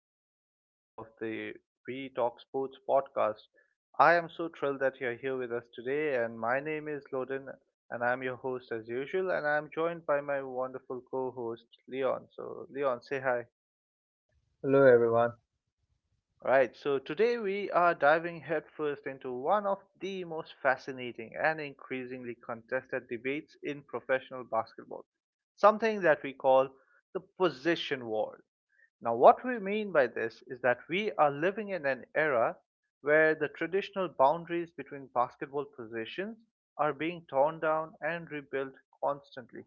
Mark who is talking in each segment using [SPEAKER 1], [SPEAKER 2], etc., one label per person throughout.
[SPEAKER 1] another episode of the We Talk Sports podcast. I am so thrilled that you're here with us today, and my name is Loden, and I'm your host as usual, and I'm joined by my wonderful co-host Leon. So, Leon, say hi.
[SPEAKER 2] Hello everyone.
[SPEAKER 1] Right, so today we are diving headfirst into one of the most fascinating and increasingly contested debates in professional basketball, something that we call the position war. Now, what we mean by this is that we are living in an era where the traditional boundaries between basketball positions are being torn down and rebuilt constantly.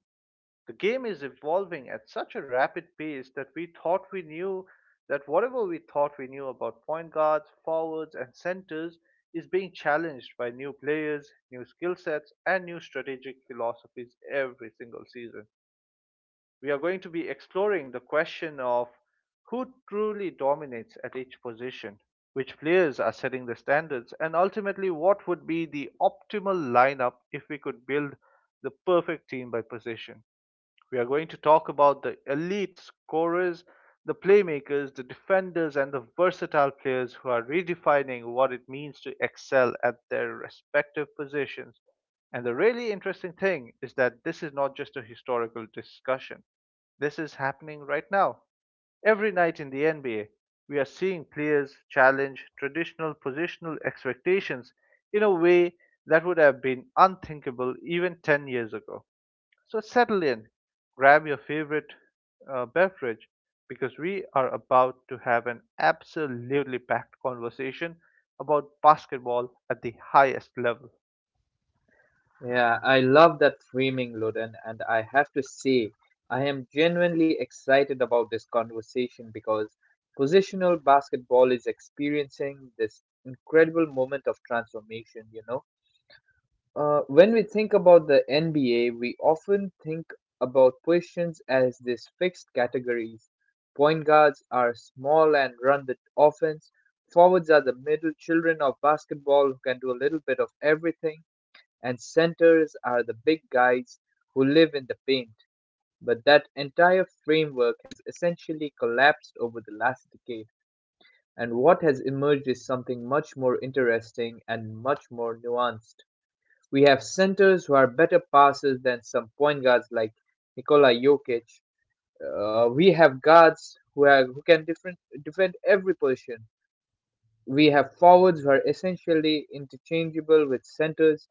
[SPEAKER 1] The game is evolving at such a rapid pace that we thought we knew that whatever we thought we knew about point guards, forwards, and centers is being challenged by new players, new skill sets, and new strategic philosophies every single season. We are going to be exploring the question of who truly dominates at each position, which players are setting the standards, and ultimately what would be the optimal lineup if we could build the perfect team by position. We are going to talk about the elite scorers, the playmakers, the defenders, and the versatile players who are redefining what it means to excel at their respective positions. And the really interesting thing is that this is not just a historical discussion. This is happening right now. Every night in the NBA, we are seeing players challenge traditional positional expectations in a way that would have been unthinkable even 10 years ago. So settle in, grab your favorite beverage because we are about to have an absolutely packed conversation about basketball at the highest level.
[SPEAKER 2] Yeah, I love that framing, Loden, and I have to say, I am genuinely excited about this conversation because positional basketball is experiencing this incredible moment of transformation. When we think about the NBA, we often think about positions as these fixed categories. Point guards are small and run the offense. Forwards are the middle children of basketball who can do a little bit of everything, and centers are the big guys who live in the paint, but that entire framework has essentially collapsed over the last decade, and what has emerged is something much more interesting and much more nuanced. We have centers who are better passers than some point guards like Nikola Jokic. We have guards who can defend every position. We have forwards who are essentially interchangeable with centers.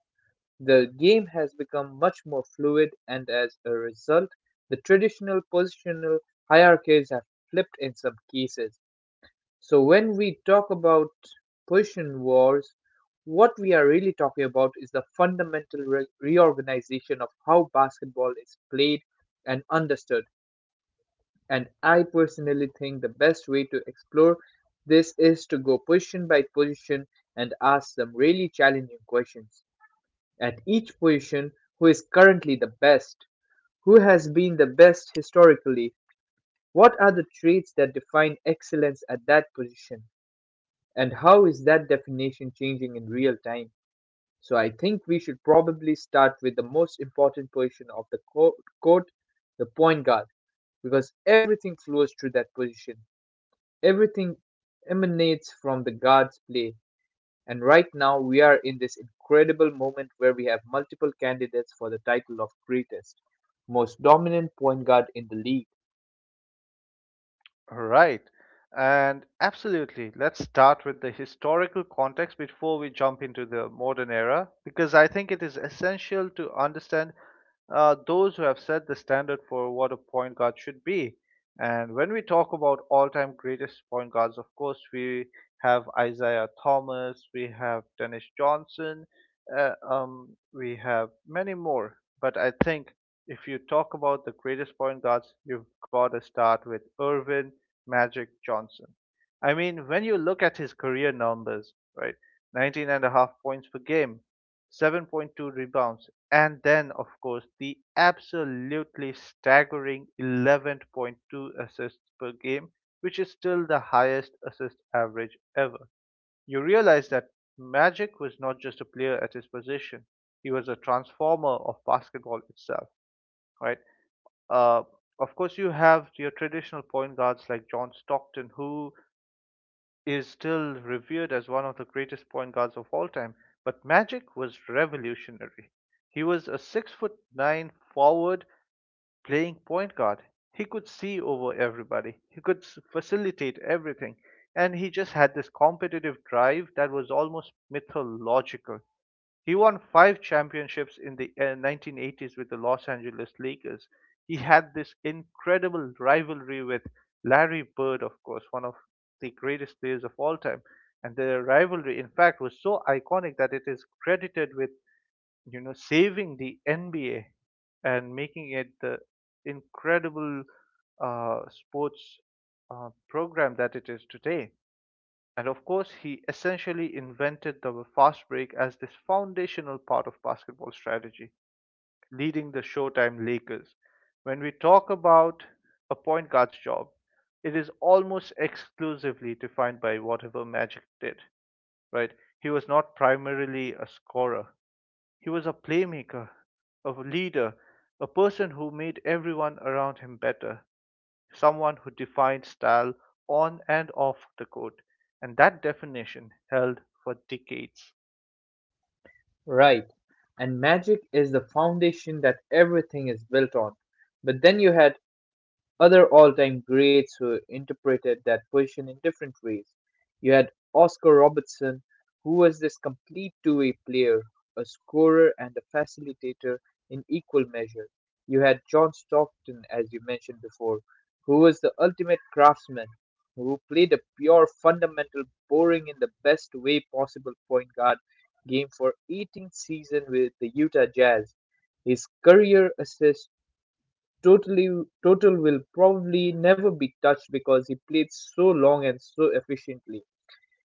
[SPEAKER 2] The game has become much more fluid, and as a result, the traditional positional hierarchies have flipped in some cases. So, when we talk about position wars, what we are really talking about is the fundamental reorganization of how basketball is played and understood. And I personally think the best way to explore this is to go position by position and ask some really challenging questions. At each position, who is currently the best? Who has been the best historically? What are the traits that define excellence at that position? And how is that definition changing in real time? So I think we should probably start with the most important position of the court, court the point guard, because everything flows through that position. Everything emanates from the guard's play. And right now, we are in this incredible moment where we have multiple candidates for the title of greatest, most dominant point guard in the league.
[SPEAKER 1] Right. And absolutely, let's start with the historical context before we jump into the modern era, because I think it is essential to understand those who have set the standard for what a point guard should be. And when we talk about all time greatest point guards, of course, we have Isaiah Thomas, we have Dennis Johnson, we have many more. But I think if you talk about the greatest point guards, you've got to start with Irvin, Magic Johnson. I mean, when you look at his career numbers, right? 19.5 points per game, 7.2 rebounds, and then, of course, the absolutely staggering 11.2 assists per game, which is still the highest assist average ever. You realize that Magic was not just a player at his position, he was a transformer of basketball itself, right? Uh, of course, you have your traditional point guards like John Stockton, who is still revered as one of the greatest point guards of all time. But Magic was revolutionary. He was a 6'9" forward playing point guard. He could see over everybody. He could facilitate everything, and he just had this competitive drive that was almost mythological. He won 5 championships in the 1980s with the Los Angeles Lakers. He had this incredible rivalry with Larry Bird, of course, one of the greatest players of all time. And their rivalry, in fact, was so iconic that it is credited with, you know, saving the NBA and making it the incredible sports program that it is today. And of course, he essentially invented the fast break as this foundational part of basketball strategy, leading the Showtime Lakers. When we talk about a point guard's job, it is almost exclusively defined by whatever Magic did, right? He was not primarily a scorer, he was a playmaker, a leader, a person who made everyone around him better, someone who defined style on and off the court, and that definition held for decades.
[SPEAKER 2] Right. And Magic is the foundation that everything is built on. But then you had other all-time greats who interpreted that position in different ways. You had Oscar Robertson, who was this complete two-way player, a scorer and a facilitator in equal measure. You had John Stockton, as you mentioned before, who was the ultimate craftsman, who played a pure fundamental, boring in the best way possible, point guard game for 18th season with the Utah Jazz. His career assist totally total will probably never be touched because he played so long and so efficiently.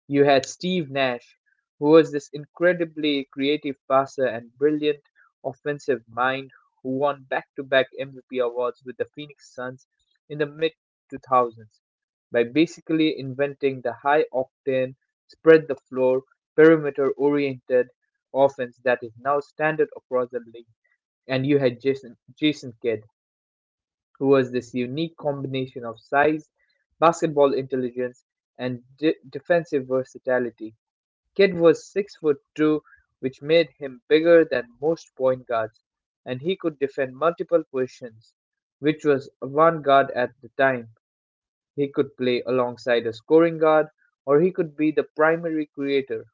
[SPEAKER 2] You had Steve Nash, who was this incredibly creative passer and brilliant offensive mind who won back-to-back MVP awards with the Phoenix Suns in the mid 2000s by basically inventing the high octane, spread the floor, perimeter oriented offense that is now standard across the league. And you had Jason Kidd, who was this unique combination of size, basketball intelligence, and defensive versatility. Kidd was 6 foot 2, which made him bigger than most point guards, and he could defend multiple positions, which was avant-garde at the time. He could play alongside a scoring guard, or he could be the primary creator.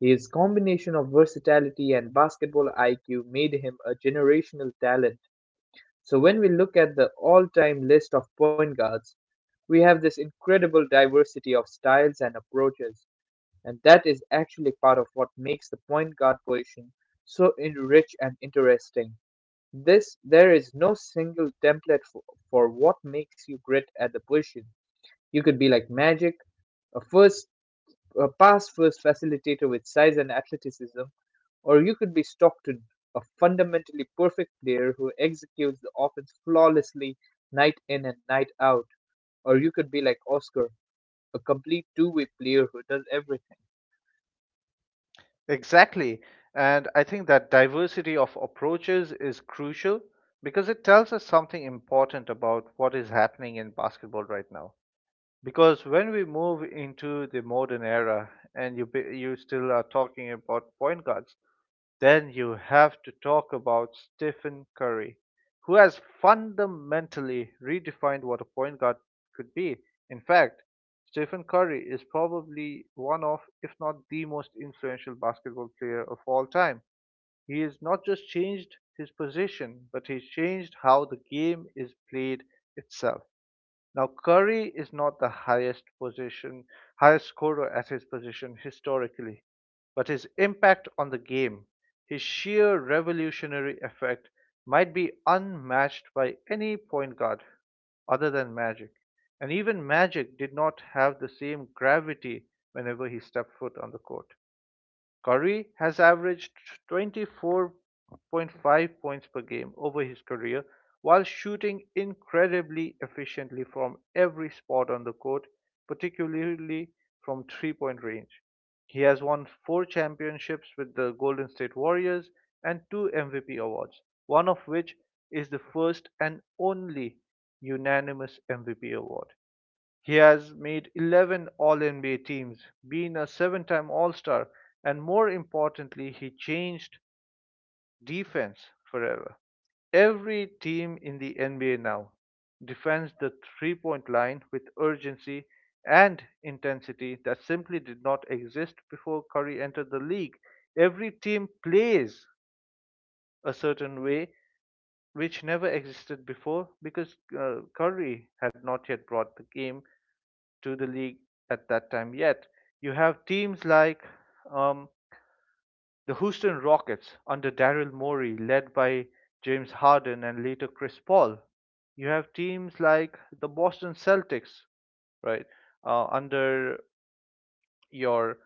[SPEAKER 2] His combination of versatility and basketball IQ made him a generational talent. So when we look at the all-time list of point guards, we have this incredible diversity of styles and approaches, and that is actually part of what makes the point guard position so rich and interesting. This There is no single template for what makes you great at the position. You could be like Magic, a first a pass first facilitator with size and athleticism, or you could be Stockton, a fundamentally perfect player who executes the offense flawlessly night in and night out, or you could be like Oscar, a complete two-way player who does everything.
[SPEAKER 1] Exactly. And I think that diversity of approaches is crucial because it tells us something important about what is happening in basketball right now. Because when we move into the modern era and you still are talking about point guards, then you have to talk about Stephen Curry, who has fundamentally redefined what a point guard could be. In fact, Stephen Curry is probably one of, if not the most influential basketball player of all time. He has not just changed his position, but he's changed how the game is played itself. Now, Curry is not the highest scorer at his position historically, but his impact on the game, his sheer revolutionary effect, might be unmatched by any point guard other than Magic. And even Magic did not have the same gravity whenever he stepped foot on the court. Curry has averaged 24.5 points per game over his career while shooting incredibly efficiently from every spot on the court, particularly from three-point range. He has won 4 championships with the Golden State Warriors and two MVP awards, one of which is the first and only unanimous MVP award. He has made 11 All-NBA teams, been a 7-time All-Star, and more importantly, he changed defense forever. Every team in the NBA now defends the three-point line with urgency and intensity that simply did not exist before Curry entered the league. Every team plays a certain way which never existed before because Curry had not yet brought the game to the league at that time yet. You have teams like um, the Houston Rockets under Daryl Morey, led by James Harden and later Chris Paul. You have teams like the Boston Celtics, right, under your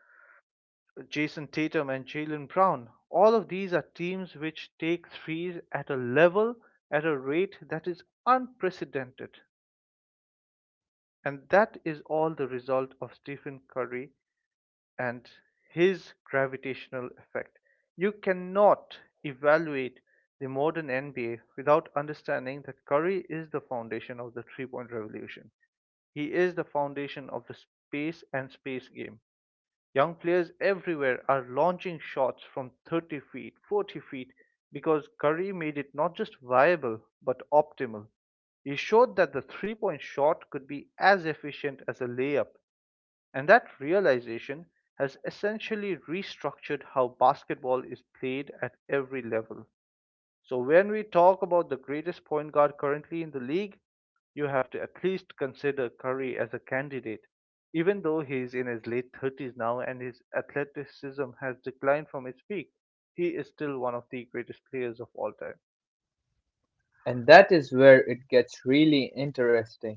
[SPEAKER 1] Jason Tatum and Jaylen Brown. All of these are teams which take threes at at a rate that is unprecedented. And that is all the result of Stephen Curry and his gravitational effect. You cannot evaluate the modern NBA without understanding that Curry is the foundation of the three-point revolution. He is the foundation of the space and space game. Young players everywhere are launching shots from 30 feet, 40 feet because Curry made it not just viable but optimal. He showed that the three-point shot could be as efficient as a layup, and that realization has essentially restructured how basketball is played at every level. So when we talk about the greatest point guard currently in the league, you have to at least consider Curry as a candidate, even though he is in his late 30s now and his athleticism has declined from its peak. He is still one of the greatest players of all time.
[SPEAKER 2] And that is where it gets really interesting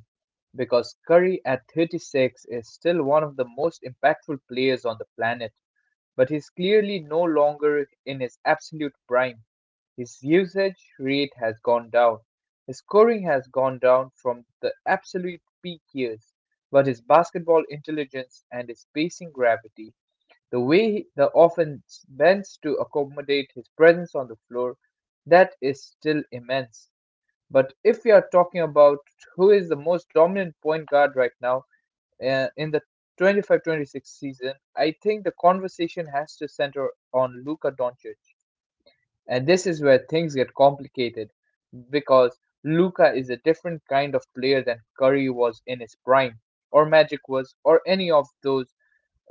[SPEAKER 2] because Curry at 36 is still one of the most impactful players on the planet, but he's clearly no longer in his absolute prime. His usage rate has gone down. His scoring has gone down from the absolute peak years, but his basketball intelligence and his pacing gravity, the way the offense bends to accommodate his presence on the floor, that is still immense. But if we are talking about who is the most dominant point guard right now, in the 25-26 season, I think the conversation has to center on Luka Doncic. And this is where things get complicated because Luka is a different kind of player than Curry was in his prime, or Magic was, or any of those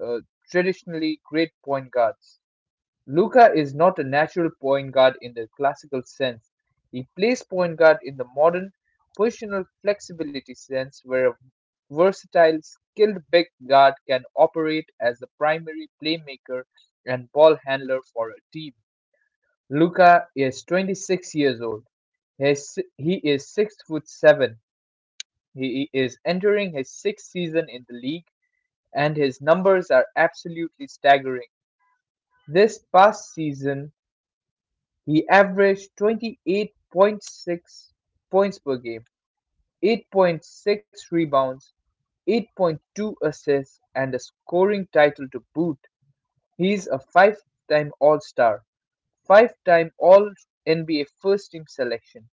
[SPEAKER 2] uh, traditionally great point guards. Luka is not a natural point guard in the classical sense. He plays point guard in the modern positional flexibility sense, where a versatile, skilled big guard can operate as the primary playmaker and ball handler for a team. Luka is 26 years old. He is 6 foot 7. He is entering his sixth season in the league, and his numbers are absolutely staggering. This past season, he averaged 28.6 points per game, 8.6 rebounds, 8.2 assists, and a scoring title to boot. He's a five-time All-Star, five-time All-NBA first-team selection.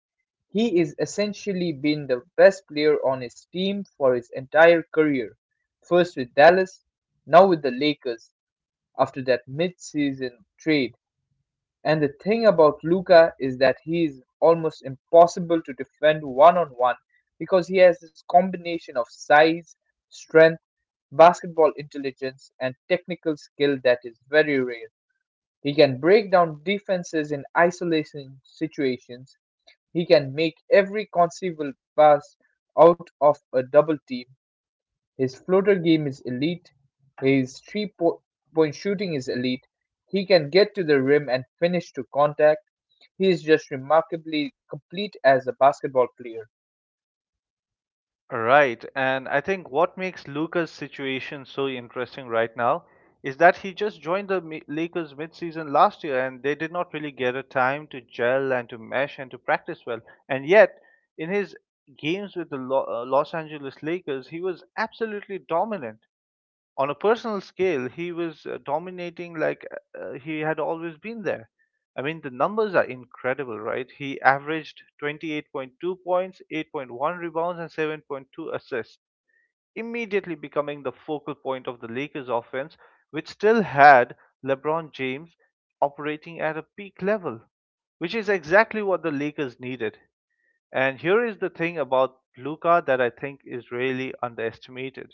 [SPEAKER 2] He is essentially been the best player on his team for his entire career, first with Dallas, now with the Lakers after that mid-season trade. And the thing about Luca is that he is almost impossible to defend one on one because he has this combination of size, strength, basketball intelligence, and technical skill that is very rare. He can break down defenses in isolation situations. He can make every conceivable pass out of a double team. His floater game is elite, his three-point shooting is elite, he can get to the rim and finish to contact. He is just remarkably complete as a basketball player.
[SPEAKER 1] Right. And I think what makes Luca's situation so interesting right now is that he just joined the Lakers midseason last year and they did not really get a time to gel and to mesh and to practice well. And yet, in his games with the Los Angeles Lakers, he was absolutely dominant. On a personal scale, he was dominating like he had always been there. I mean, the numbers are incredible, right? He averaged 28.2 points, 8.1 rebounds, and 7.2 assists, immediately becoming the focal point of the Lakers offense, which still had LeBron James operating at a peak level, which is exactly what the Lakers needed. And here is the thing about Luka that I think is really underestimated.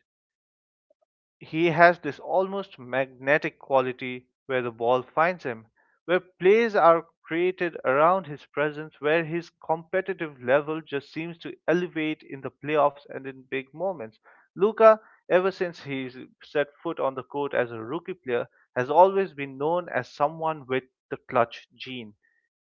[SPEAKER 1] He has this almost magnetic quality where the ball finds him, where plays are created around his presence, where his competitive level just seems to elevate in the playoffs and in big moments. Luca, ever since he's set foot on the court as a rookie player, has always been known as someone with the clutch gene,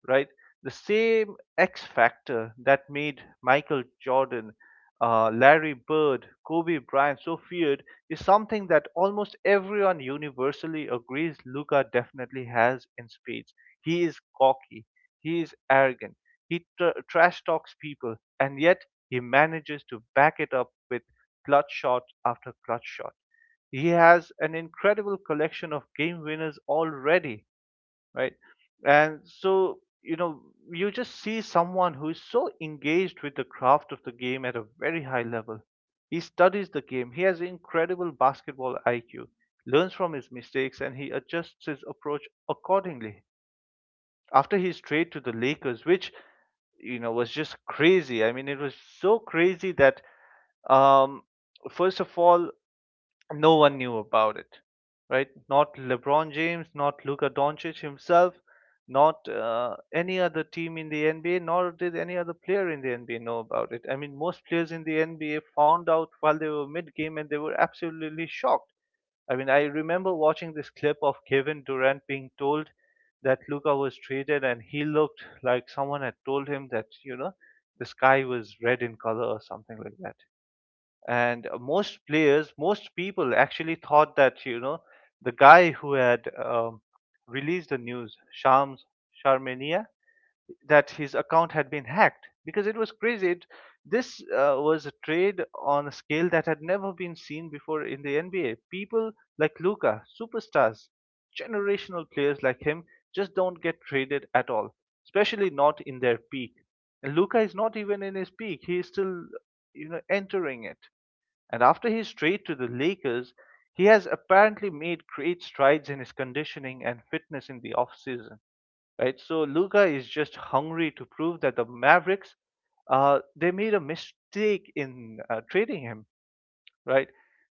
[SPEAKER 1] right? The same X factor that made Michael Jordan, Larry Bird, Kobe Bryant so feared is something that almost everyone universally agrees Luca definitely has in spades. He is cocky, he is arrogant, he trash talks people, and yet he manages to back it up with clutch shot after clutch shot. He has an incredible collection of game winners already, right? And so, you know, you just see someone who is so engaged with the craft of the game at a very high level. He studies the game, he has incredible basketball IQ, learns from his mistakes, and he adjusts his approach accordingly. After his trade to the Lakers, which, you know, was just crazy. I mean, it was so crazy that, um, first of all, no one knew about it, right? Not LeBron James, not Luka Doncic himself, not any other team in the NBA, nor did any other player in the NBA know about it. I mean, most players in the NBA found out while they were mid game and they were absolutely shocked. I mean, I remember watching this clip of Kevin Durant being told that Luka was traded, and he looked like someone had told him that, the sky was red in color or something like that. And most people actually thought that the guy who had released the news, Shams Sharmania, that his account had been hacked, because it was crazy. This was a trade on a scale that had never been seen before in the NBA. People like Luka, superstars, generational players like him, just don't get traded at all, especially not in their peak. And Luka is not even in his peak. He is still entering it. And after his trade to the Lakers, he has apparently made great strides in his conditioning and fitness in the offseason, right? So Luca is just hungry to prove that the Mavericks, they made a mistake in trading him, right?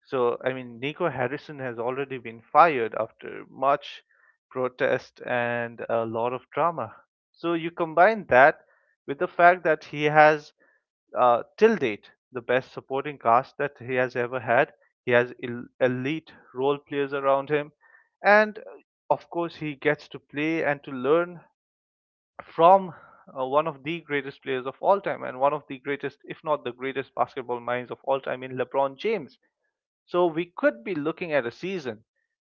[SPEAKER 1] So, I mean, Nico Harrison has already been fired after much protest and a lot of drama. So, you combine that with the fact that he has, till date, the best supporting cast that he has ever had. He has elite role players around him. And of course, he gets to play and to learn from one of the greatest players of all time and one of the greatest, if not the greatest, basketball minds of all time in LeBron James. So we could be looking at a season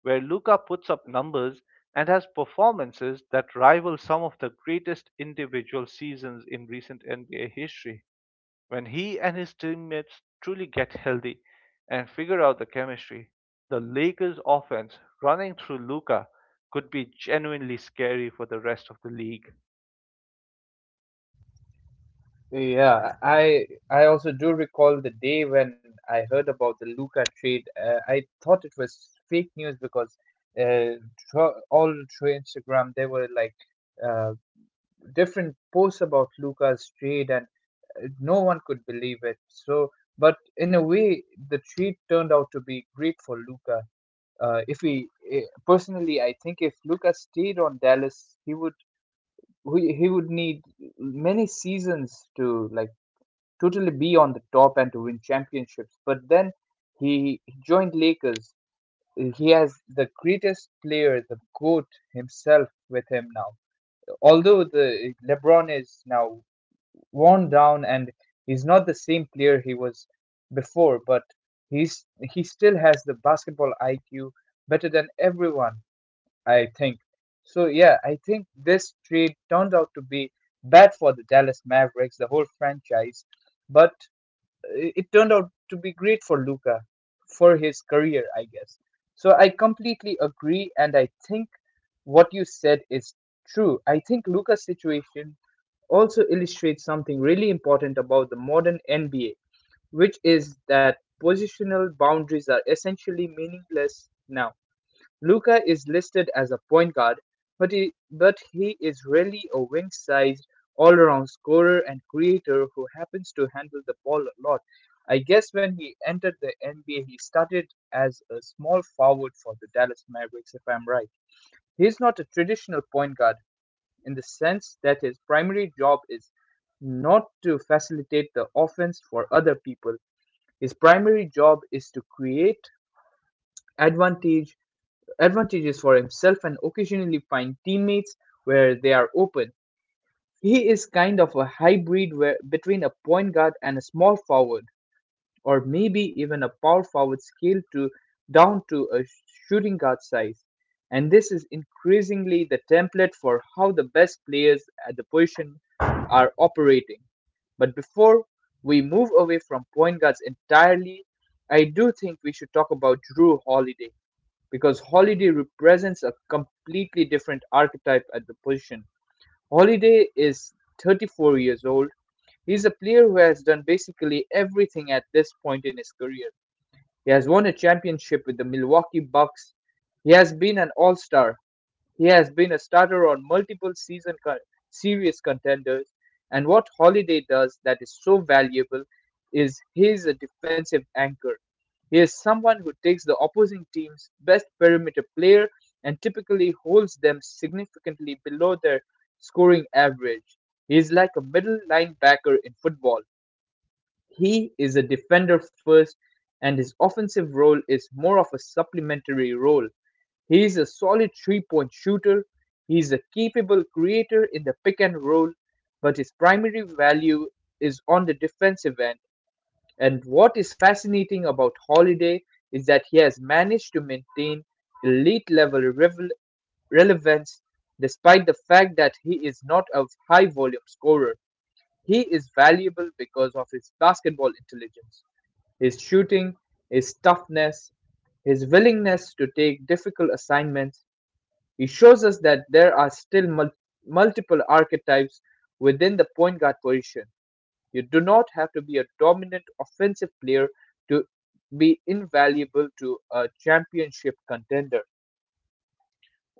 [SPEAKER 1] where Luca puts up numbers and has performances that rival some of the greatest individual seasons in recent NBA history. When he and his teammates truly get healthy and figure out the chemistry, the Lakers offense running through Luca could be genuinely scary for the rest of the league.
[SPEAKER 2] Yeah, I also do recall the day when I heard about the Luca trade. I thought it was fake news because uh, thro All through Instagram there were like uh, different posts about Luca's trade, and no one could believe it. So, but in a way, the treat turned out to be great for Luca. If he eh, Personally, I think if Luca stayed on Dallas, he would need many seasons to like totally be on the top and to win championships. But then he joined Lakers. He has the greatest player, the GOAT himself, with him now. Although the LeBron is now worn down and he's not the same player he was before, but he's he still has the basketball IQ better than everyone, I think. So yeah, I think this trade turned out to be bad for the Dallas Mavericks, the whole franchise, but it turned out to be great for Luca for his career, I guess. So I completely agree, and I think what you said is true. I think Luca's situation also illustrates something really important about the modern NBA, which is that positional boundaries are essentially meaningless now. Luka is listed as a point guard, but he is really a wing-sized, all-around scorer and creator who happens to handle the ball a lot. I guess when he entered the NBA, he started as a small forward for the Dallas Mavericks, if I'm right. He's not a traditional point guard in the sense that his primary job is not to facilitate the offense for other people. His primary job is to create advantage advantages for himself and occasionally find teammates where they are open. He is kind of a hybrid where, between a point guard and a small forward, or maybe even a power forward scaled to down to a shooting guard size. And this is increasingly the template for how the best players at the position are operating. But before we move away from point guards entirely, I do think we should talk about Drew Holiday because Holiday represents a completely different archetype at the position. Holiday is 34 years old. He's a player who has done basically everything at this point in his career. He has won a championship with the Milwaukee Bucks. He has been an all-star. He has been a starter on multiple season serious contenders. And what Holiday does that is so valuable is he's a defensive anchor. He is someone who takes the opposing team's best perimeter player and typically holds them significantly below their scoring average. He is like a middle linebacker in football. He is a defender first, and his offensive role is more of a supplementary role. He is a solid three-point shooter. He is a capable creator in the pick and roll, but his primary value is on the defensive end. And what is fascinating about Holiday is that he has managed to maintain elite level relevance despite the fact that he is not a high volume scorer. He is valuable because of his basketball intelligence. His shooting, his toughness, his willingness to take difficult assignments, he shows us that there are still multiple archetypes within the point guard position. You do not have to be a dominant offensive player to be invaluable to a championship contender.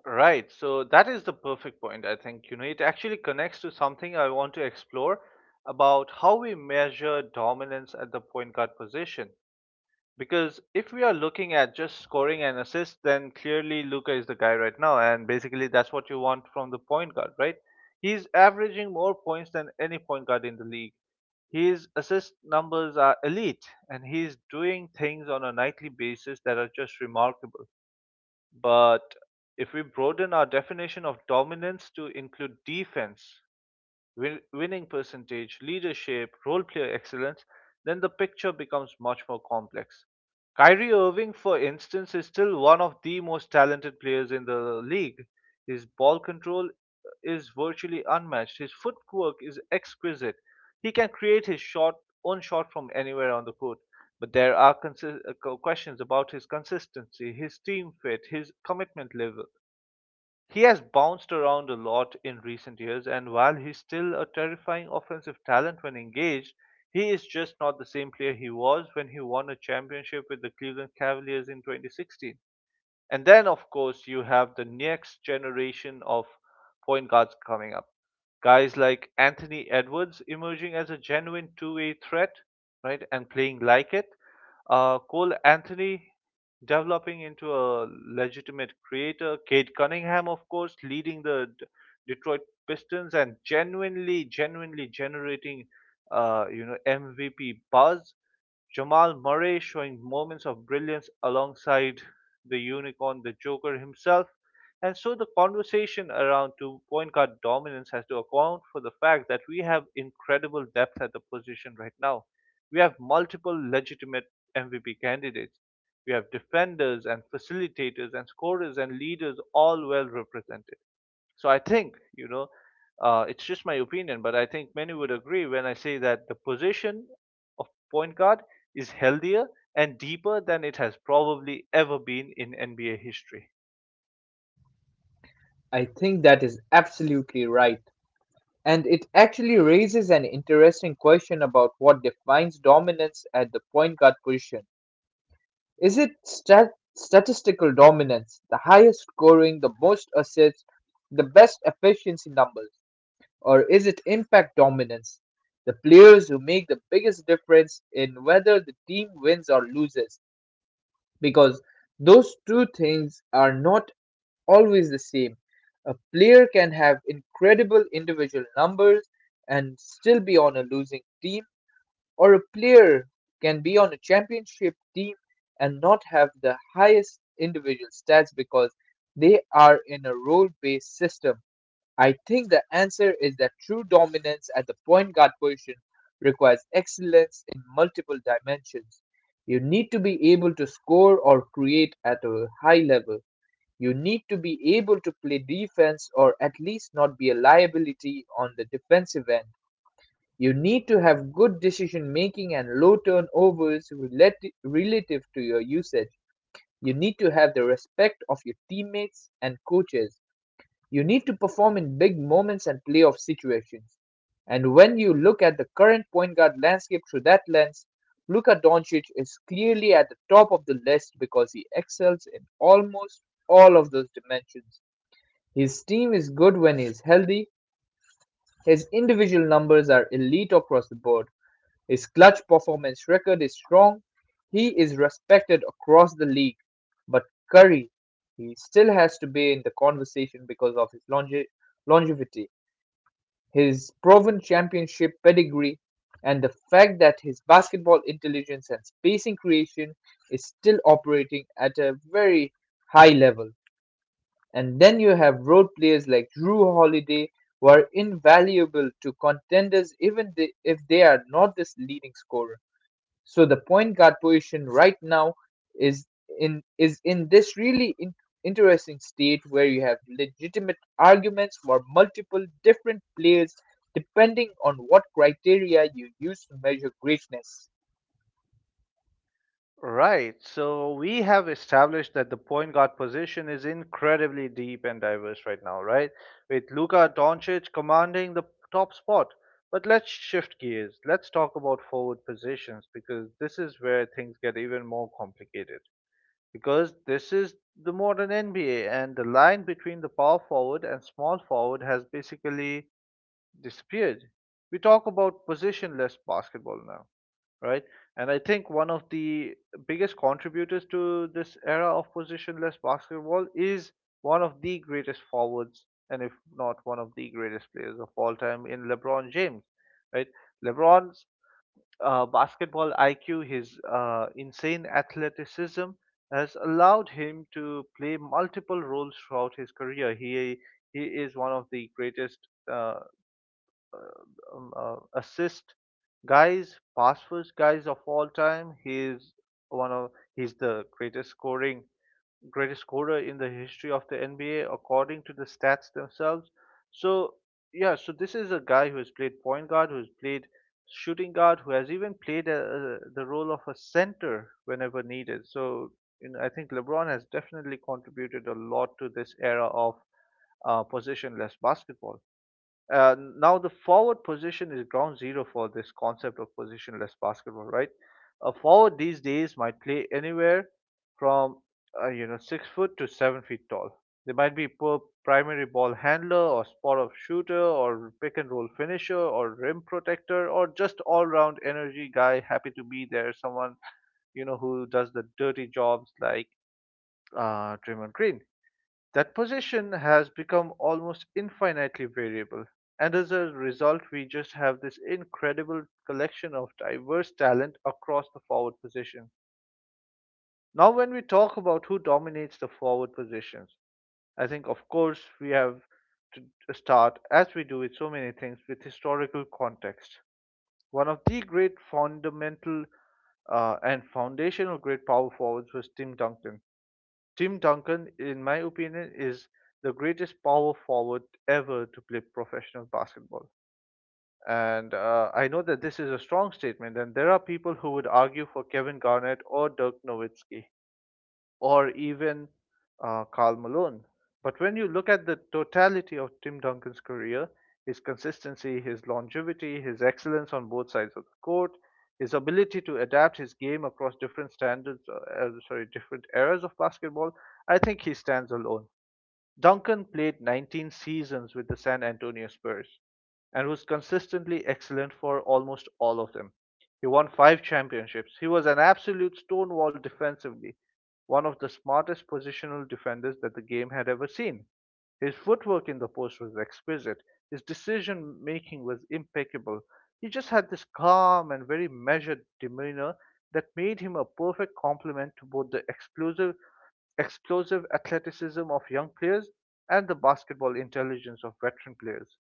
[SPEAKER 1] Right. So that is the perfect point. I think, it actually connects to something I want to explore about how we measure dominance at the point guard position. Because if we are looking at just scoring and assists, then clearly Luka is the guy right now, and basically that's what you want from the point guard, right? He's averaging more points than any point guard in the league. His assist numbers are elite, and he's doing things on a nightly basis that are just remarkable. But if we broaden our definition of dominance to include defense, winning percentage, leadership, role player excellence, then the picture becomes much more complex. Kyrie Irving, for instance, is still one of the most talented players in the league. His ball control is virtually unmatched. His footwork is exquisite. He can create his shot, own shot from anywhere on the court. But there are questions about his consistency, his team fit, his commitment level. He has bounced around a lot in recent years, and while he's still a terrifying offensive talent when engaged, he is just not the same player he was when he won a championship with the Cleveland Cavaliers in 2016. And then, of course, you have the next generation of point guards coming up. Guys like Anthony Edwards emerging as a genuine two-way threat, right, and playing like it. Cole Anthony developing into a legitimate creator. Kate Cunningham, of course, leading the Detroit Pistons and genuinely, genuinely generating, MVP buzz. Jamal Murray showing moments of brilliance alongside the unicorn, the Joker himself. And so the conversation around two point guard dominance has to account for the fact that we have incredible depth at the position right now. We have multiple legitimate MVP candidates. We have defenders and facilitators and scorers and leaders all well represented. So I think, it's just my opinion, but I think many would agree when I say that the position of point guard is healthier and deeper than it has probably ever been in NBA history.
[SPEAKER 2] I think that is absolutely right. And it actually raises an interesting question about what defines dominance at the point guard position. Is it statistical dominance, the highest scoring, the most assists, the best efficiency numbers? Or is it impact dominance, the players who make the biggest difference in whether the team wins or loses? Because those two things are not always the same. A player can have incredible individual numbers and still be on a losing team, or a player can be on a championship team and not have the highest individual stats because they are in a role based system. I think the answer is that true dominance at the point guard position requires excellence in multiple dimensions. You need to be able to score or create at a high level. You need to be able to play defense or at least not be a liability on the defensive end. You need to have good decision-making and low turnovers relative to your usage. You need to have the respect of your teammates and coaches. You need to perform in big moments and playoff situations. And when you look at the current point guard landscape through that lens, Luka Doncic is clearly at the top of the list because he excels in almost all of those dimensions. His team is good when he is healthy. His individual numbers are elite across the board. His clutch performance record is strong. He is respected across the league. But Curry, he still has to be in the conversation because of his longevity, his proven championship pedigree, and the fact that his basketball intelligence and spacing creation is still operating at a very high level. And then you have road players like Drew Holiday, who are invaluable to contenders, even if they are not this leading scorer. So the point guard position right now is is in this really interesting state where you have legitimate arguments for multiple different players depending on what criteria you use to measure greatness.
[SPEAKER 1] Right. So we have established that the point guard position is incredibly deep and diverse right now, right? With Luka Doncic commanding the top spot. But let's shift gears. Let's talk about forward positions because this is where things get even more complicated, because this is the modern NBA, and the line between the power forward and small forward has basically disappeared. We talk about positionless basketball now, right? And I think one of the biggest contributors to this era of positionless basketball is one of the greatest forwards, and if not one of the greatest players of all time, in LeBron James, right? LeBron's basketball IQ, his insane athleticism has allowed him to play multiple roles throughout his career. He is one of the greatest uh, assist guys, pass first guys of all time. He is one of he's the greatest scorer in the history of the NBA according to the stats themselves. So yeah, so this is a guy who has played point guard, who has played shooting guard, who has even played the role of a center whenever needed. So I think LeBron has definitely contributed a lot to this era of positionless basketball. Now the forward position is ground zero for this concept of positionless basketball, right? A forward these days might play anywhere from 6 foot to 7 feet tall. They might be per primary ball handler or spot up shooter or pick and roll finisher or rim protector or just all round energy guy happy to be there. Someone who does the dirty jobs like Draymond Green. That position has become almost infinitely variable, and as a result, we just have this incredible collection of diverse talent across the forward position. Now, when we talk about who dominates the forward positions, I think, of course, we have to start, as we do with so many things, with historical context. One of the great fundamental and foundational great power forwards was Tim Duncan. Tim Duncan, in my opinion, is the greatest power forward ever to play professional basketball. And I know that this is a strong statement, and there are people who would argue for Kevin Garnett or Dirk Nowitzki or even Karl Malone. But when you look at the totality of Tim Duncan's career, his consistency, his longevity, his excellence on both sides of the court, his ability to adapt his game across different standards, sorry, different eras of basketball, I think he stands alone. Duncan played 19 seasons with the San Antonio Spurs and was consistently excellent for almost all of them. He won five championships. He was an absolute stonewall defensively, one of the smartest positional defenders that the game had ever seen. His footwork in the post was exquisite. His decision making was impeccable. He just had this calm and very measured demeanor that made him a perfect complement to both the explosive athleticism of young players and the basketball intelligence of veteran players.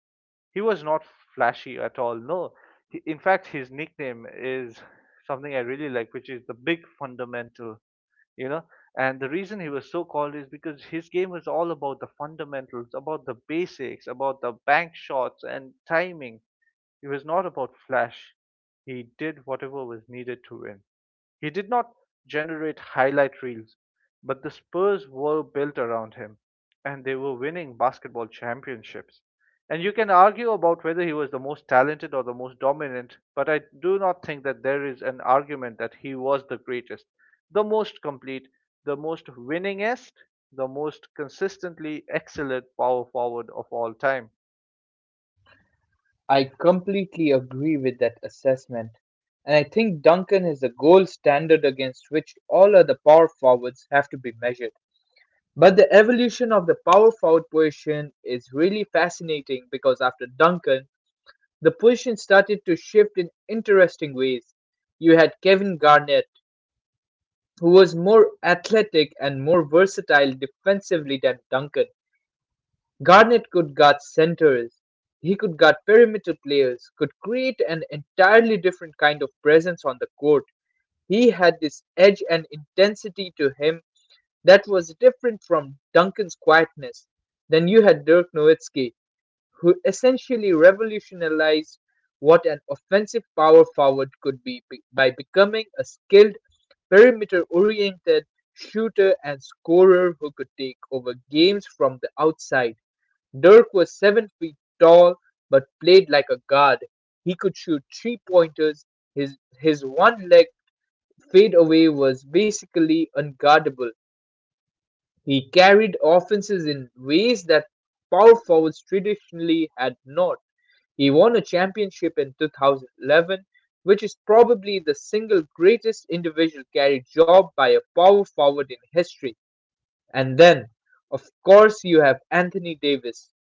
[SPEAKER 1] He was not flashy at all. No, in fact, his nickname is something I really like, which is the Big Fundamental. You know, and the reason he was so called is because his game was all about the fundamentals, about the basics, about the bank shots and timing. It was not about flash. He did whatever was needed to win. He did not generate highlight reels, but the Spurs were built around him and they were winning basketball championships. And you can argue about whether he was the most talented or the most dominant, but I do not think that there is an argument that he was the greatest, the most complete, the most winningest, the most consistently excellent power forward of all time.
[SPEAKER 2] I completely agree with that assessment. And I think Duncan is the gold standard against which all other power forwards have to be measured. But the evolution of the power forward position is really fascinating because after Duncan, the position started to shift in interesting ways. You had Kevin Garnett, who was more athletic and more versatile defensively than Duncan. Garnett could guard centers, he could guard perimeter players, could create an entirely different kind of presence on the court. He had this edge and intensity to him that was different from Duncan's quietness. Then you had Dirk Nowitzki, who essentially revolutionized what an offensive power forward could be, by becoming a skilled, perimeter oriented shooter and scorer who could take over games from the outside. Dirk was 7 feet tall but played like a guard. He could shoot three pointers. His one leg fadeaway was basically unguardable. He carried offenses in ways that power forwards traditionally had not. He won a championship in 2011, which is probably the single greatest individual carry job by a power forward in history. And then, of course, you have Anthony Davis,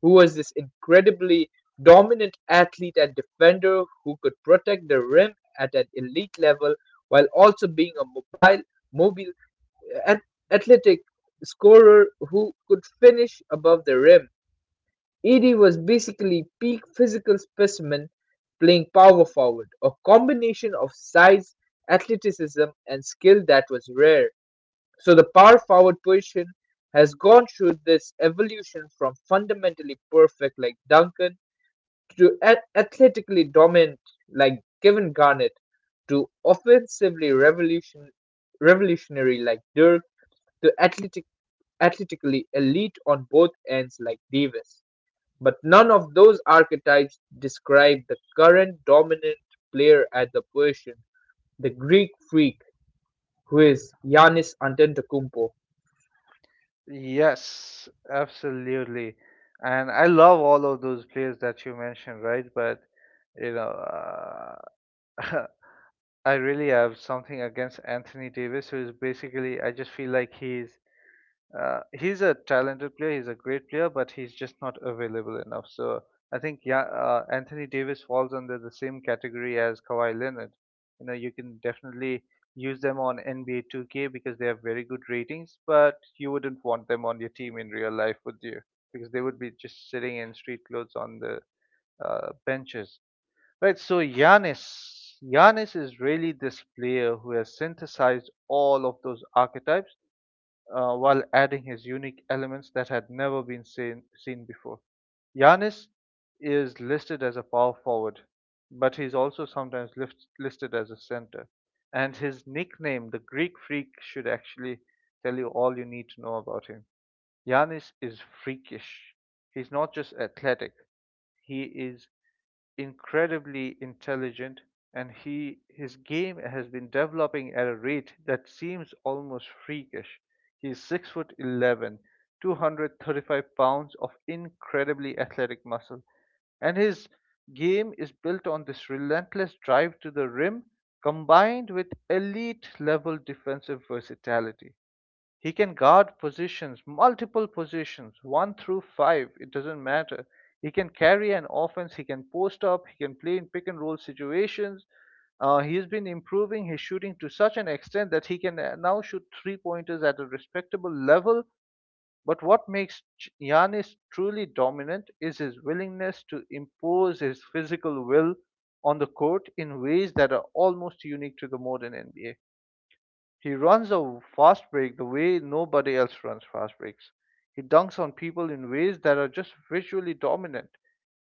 [SPEAKER 2] who was this incredibly dominant athlete and defender who could protect the rim at an elite level while also being a mobile, and athletic scorer who could finish above the rim. Edie was basically peak physical specimen playing power forward, a combination of size, athleticism and skill that was rare. So the power forward position has gone through this evolution from fundamentally perfect like Duncan to athletically dominant like Kevin Garnett, to offensively revolutionary like Dirk, to athletically elite on both ends like Davis. But none of those archetypes describe the current dominant player at the position, the Greek freak, who is Giannis Antetokounmpo.
[SPEAKER 1] Yes, absolutely. And I love all of those players that you mentioned, right? But you know, uh, I really have something against Anthony Davis, who is basically I just feel like he's a talented player. He's a great player, but he's just not available enough. So I think Anthony Davis falls under the same category as Kawhi Leonard. You can definitely use them on NBA 2K because they have very good ratings, but you wouldn't want them on your team in real life, would you? Because they would be just sitting in street clothes on the benches. Right. So Giannis is really this player who has synthesized all of those archetypes while adding his unique elements that had never been seen before. Yanis is listed as a power forward, but he's also sometimes listed as a center. And his nickname, the Greek Freak, should actually tell you all you need to know about him. Yanis is freakish. He's not just athletic, he is incredibly intelligent, and he his game has been developing at a rate that seems almost freakish. He's 6'11", 235 pounds of incredibly athletic muscle, and his game is built on this relentless drive to the rim combined with elite level defensive versatility. He can guard positions, multiple positions, one through five, it doesn't matter. He can carry an offense, he can post up, he can play in pick and roll situations. He's been improving his shooting to such an extent that he can now shoot three pointers at a respectable level. But what makes Giannis truly dominant is his willingness to impose his physical will on the court in ways that are almost unique to the modern NBA. He runs a fast break the way nobody else runs fast breaks. He dunks on people in ways that are just visually dominant.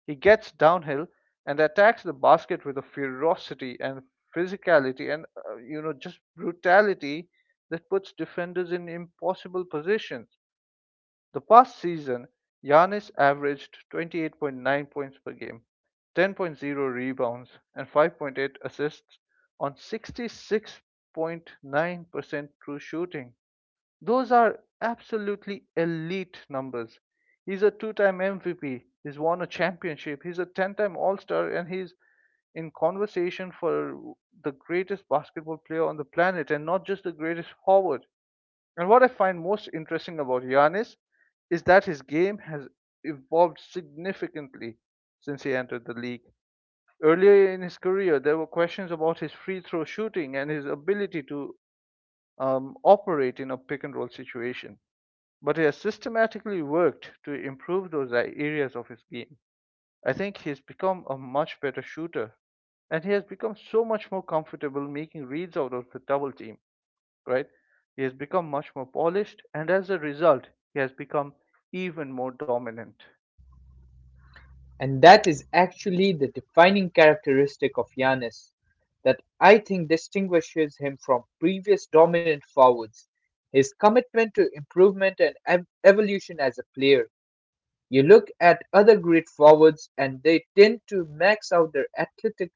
[SPEAKER 1] He gets downhill and attacks the basket with a ferocity and physicality and just brutality that puts defenders in impossible positions. The past season, Giannis averaged 28.9 points per game, 10.0 rebounds, and 5.8 assists on 66.9% true shooting. Those are absolutely elite numbers. He's a two time MVP, he's won a championship, he's a 10 time All Star, and he's in conversation for the greatest basketball player on the planet and not just the greatest forward. And what I find most interesting about Giannis is that his game has evolved significantly since he entered the league. Earlier in his career, there were questions about his free throw shooting and his ability to operate in a pick and roll situation. But he has systematically worked to improve those areas of his game. I think he's become a much better shooter, and he has become so much more comfortable making reads out of the double team, right? He has become much more polished, and as a result, he has become even more dominant.
[SPEAKER 2] And that is actually the defining characteristic of Giannis that I think distinguishes him from previous dominant forwards. His commitment to improvement and evolution as a player. You look at other great forwards and they tend to max out their athletic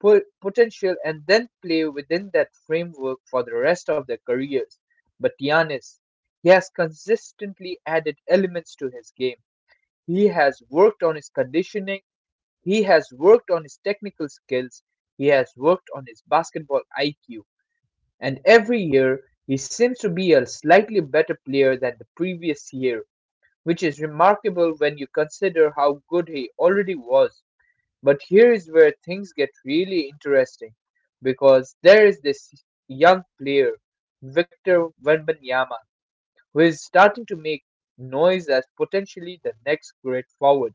[SPEAKER 2] potential and then play within that framework for the rest of their careers. But Giannis, he has consistently added elements to his game. He has worked on his conditioning, he has worked on his technical skills, he has worked on his basketball IQ, and every year he seems to be a slightly better player than the previous year, which is remarkable when you consider how good he already was. But here is where things get really interesting because there is this young player, Victor Wembanyama, who is starting to make noise as potentially the next great forward.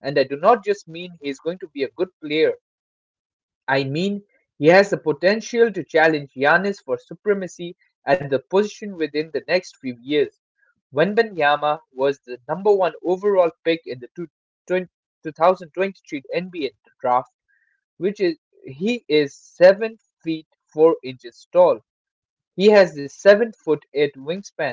[SPEAKER 2] And I do not just mean he is going to be a good player, I mean he has the potential to challenge Giannis for supremacy at the position within the next few years. Wembanyama was the number one overall pick in the 2023 NBA draft. Which is he is 7 feet 4 inches tall. He has the 7 foot 8 wingspan.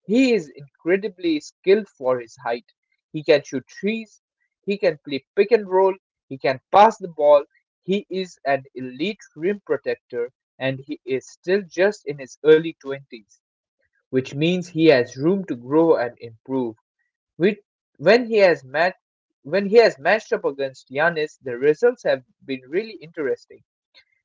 [SPEAKER 2] He is incredibly skilled for his height. He can shoot trees, he can play pick and roll, he can pass the ball. He is an elite rim protector and he is still just in his early 20s, which means he has room to grow and improve. Which, when he has matched when he has matched up against Giannis, the results have been really interesting.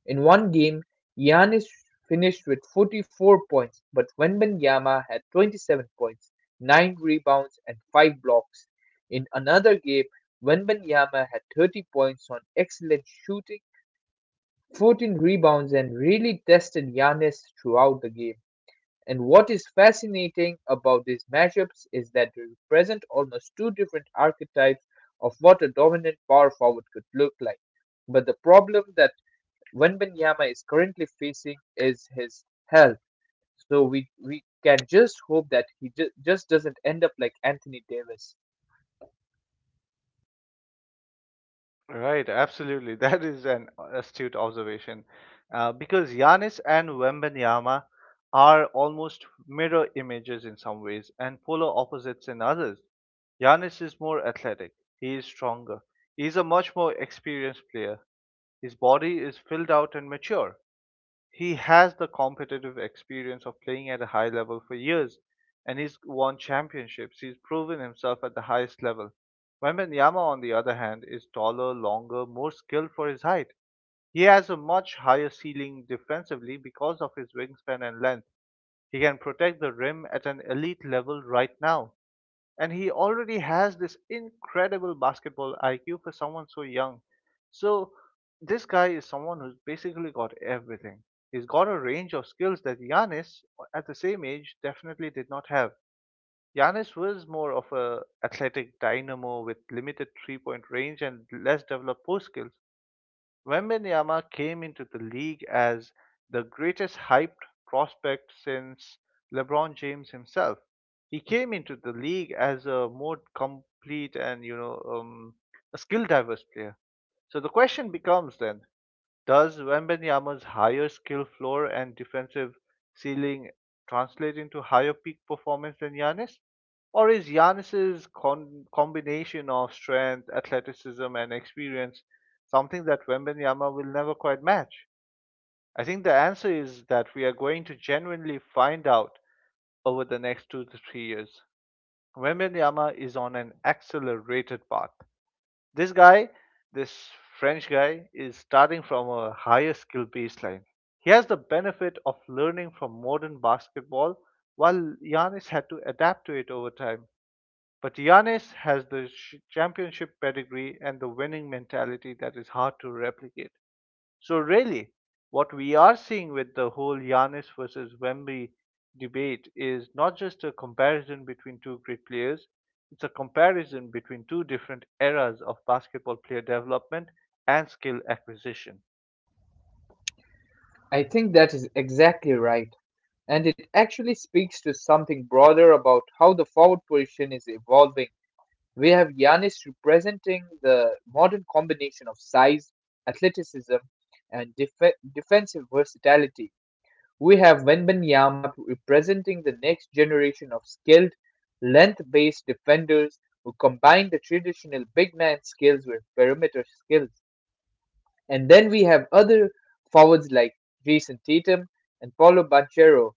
[SPEAKER 2] In one game, Giannis finished with 44 points, but Wembanyama had 27 points, nine rebounds, and five blocks. In another game, Wembanyama had 30 points on excellent shooting, 14 rebounds, and really tested Giannis throughout the game. And what is fascinating about these matchups is that they represent almost two different archetypes of what a dominant power forward could look like. But the problem that Wembanyama is currently facing is his health. So we can just hope that he just doesn't end up like Anthony Davis.
[SPEAKER 1] Right, absolutely. That is an astute observation. Because Giannis and Wembanyama are almost mirror images in some ways and polar opposites in others. Giannis is more athletic, he is stronger, he is a much more experienced player. His body is filled out and mature. He has the competitive experience of playing at a high level for years, and he's won championships. He's proven himself at the highest level. Wembanyama, on the other hand, is taller, longer, more skilled for his height. He has a much higher ceiling defensively because of his wingspan and length. He can protect the rim at an elite level right now, and he already has this incredible basketball IQ for someone so young. So this guy is someone who's basically got everything. He's got a range of skills that Giannis at the same age definitely did not have. Giannis was more of a athletic dynamo with limited three-point range and less developed post skills. Wembenyama came into the league as the greatest hyped prospect since LeBron James himself. He came into the league as a more complete and a skill diverse player. So the question becomes then, does Wembanyama's higher skill floor and defensive ceiling translate into higher peak performance than Giannis? Or is Giannis's combination of strength, athleticism, and experience something that Wembanyama will never quite match? I think the answer is that we are going to genuinely find out over the next 2 to 3 years. Wembanyama is on an accelerated path. This guy, this French guy, is starting from a higher skill baseline. He has the benefit of learning from modern basketball, while Giannis had to adapt to it over time. But Giannis has the championship pedigree and the winning mentality that is hard to replicate. So really, what we are seeing with the whole Giannis versus Wemby debate is not just a comparison between two great players, it's a comparison between two different eras of basketball player development and skill acquisition.
[SPEAKER 2] I think that is exactly right. And it actually speaks to something broader about how the forward position is evolving. We have Giannis representing the modern combination of size, athleticism, and defensive versatility. We have Wembanyama representing the next generation of skilled, length-based defenders who combine the traditional big man skills with perimeter skills. And then we have other forwards like Jason Tatum and Paolo Banchero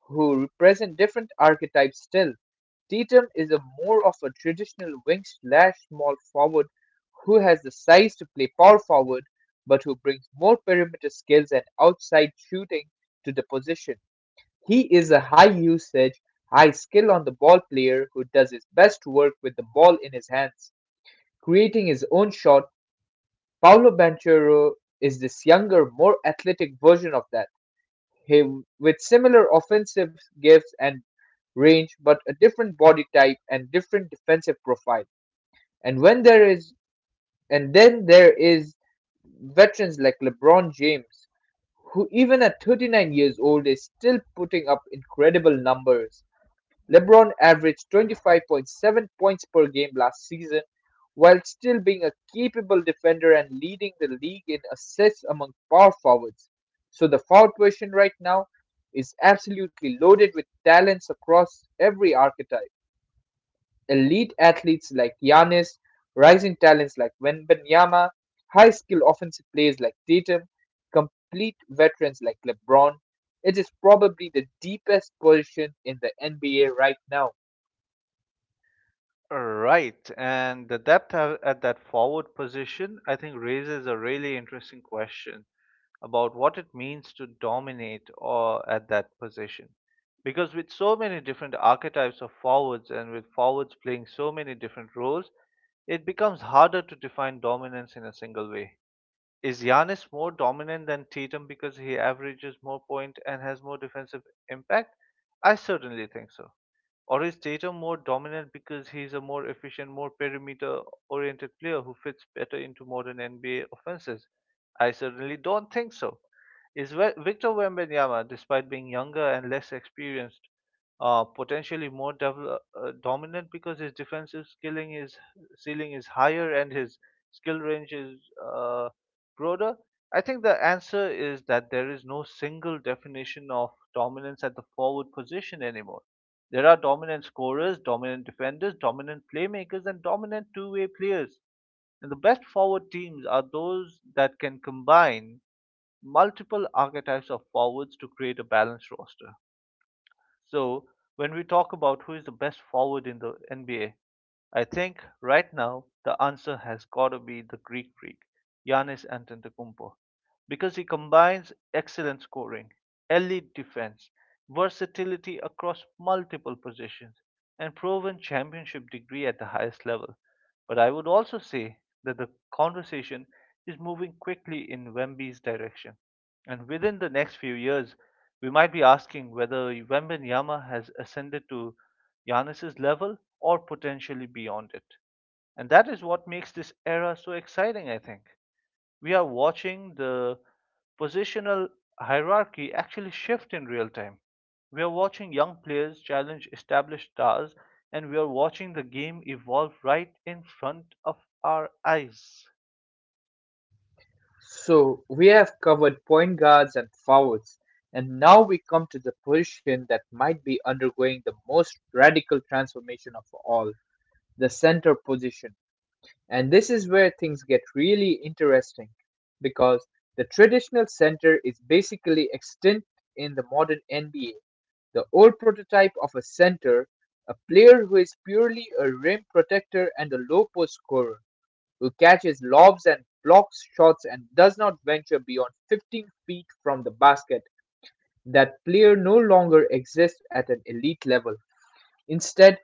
[SPEAKER 2] who represent different archetypes still. Tatum is a more of a traditional wing slash small forward who has the size to play power forward, but who brings more perimeter skills and outside shooting to the position. He is a high usage, high skill on the ball player who does his best work with the ball in his hands, creating his own shot. Paulo Banchero is this younger, more athletic version of that. He with similar offensive gifts and range, but a different body type and different defensive profile. And when there is and then there is veterans like LeBron James, who even at 39 years old is still putting up incredible numbers. LeBron averaged 25.7 points per game last season while still being a capable defender and leading the league in assists among power forwards. So the foul question right now is absolutely loaded with talents across every archetype. Elite athletes like Giannis, rising talents like Wembanyama, high skill offensive players like Tatum, complete veterans like LeBron. It is probably the deepest position in the NBA right now.
[SPEAKER 1] Right, and the depth at that forward position, I think, raises a really interesting question about what it means to dominate or at that position. Because with so many different archetypes of forwards and with forwards playing so many different roles, it becomes harder to define dominance in a single way. Is Giannis more dominant than Tatum because he averages more points and has more defensive impact? I certainly think so. Or is Tatum more dominant because he's a more efficient, more perimeter-oriented player who fits better into modern NBA offenses? I certainly don't think so. Is Victor Wembanyama, despite being younger and less experienced, potentially dominant because his defensive skilling is ceiling is higher and his skill range is, uh, broader? I think the answer is that there is no single definition of dominance at the forward position anymore. There are dominant scorers, dominant defenders, dominant playmakers, and dominant two-way players. And the best forward teams are those that can combine multiple archetypes of forwards to create a balanced roster. So, when we talk about who is the best forward in the NBA, I think right now the answer has got to be the Greek freak, Giannis Antetokounmpo, because he combines excellent scoring, elite defense, versatility across multiple positions, and proven championship degree at the highest level. But I would also say that the conversation is moving quickly in Wemby's direction. And within the next few years, we might be asking whether Wembenyama has ascended to Giannis's level or potentially beyond it. And that is what makes this era so exciting, I think. We are watching the positional hierarchy actually shift in real time. We are watching young players challenge established stars, and we are watching the game evolve right in front of our eyes.
[SPEAKER 2] So we have covered point guards and forwards, and now we come to the position that might be undergoing the most radical transformation of all: the center position. And this is where things get really interesting because the traditional center is basically extinct in the modern NBA. The old prototype of a center, a player who is purely a rim protector and a low post scorer who catches lobs and blocks shots and does not venture beyond 15 feet from the basket. That player no longer exists at an elite level. Instead,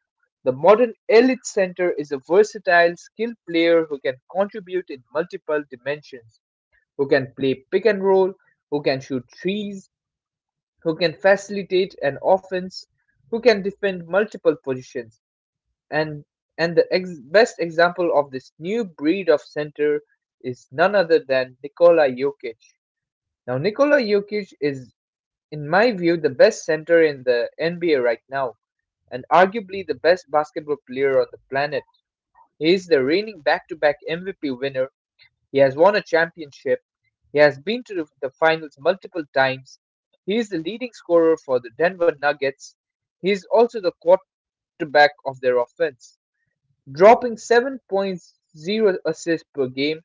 [SPEAKER 2] the modern elite center is a versatile, skilled player who can contribute in multiple dimensions, who can play pick and roll, who can shoot threes, who can facilitate an offense, who can defend multiple positions. And and the best example of this new breed of center is none other than Nikola Jokic. Now Nikola Jokic is, in my view, the best center in the NBA right now and arguably the best basketball player on the planet. He is the reigning back-to-back MVP winner. He has won a championship. He has been to the finals multiple times. He is the leading scorer for the Denver Nuggets. He is also the quarterback of their offense. Dropping seven point zero assists per game,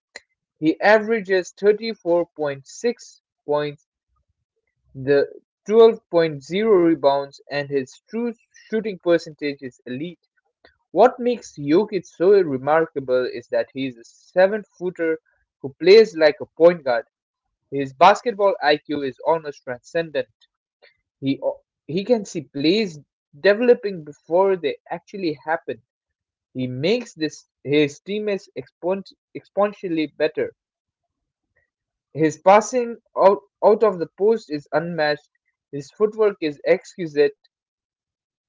[SPEAKER 2] he averages 34.6 points, the twelve point zero rebounds, and his true shooting percentage is elite. What makes Jokic so remarkable is that he is a 7 footer who plays like a point guard. His basketball IQ is almost transcendent. He he can see plays developing before they actually happen. He makes this his teammates exponentially better. His passing out of the post is unmatched. His footwork is exquisite.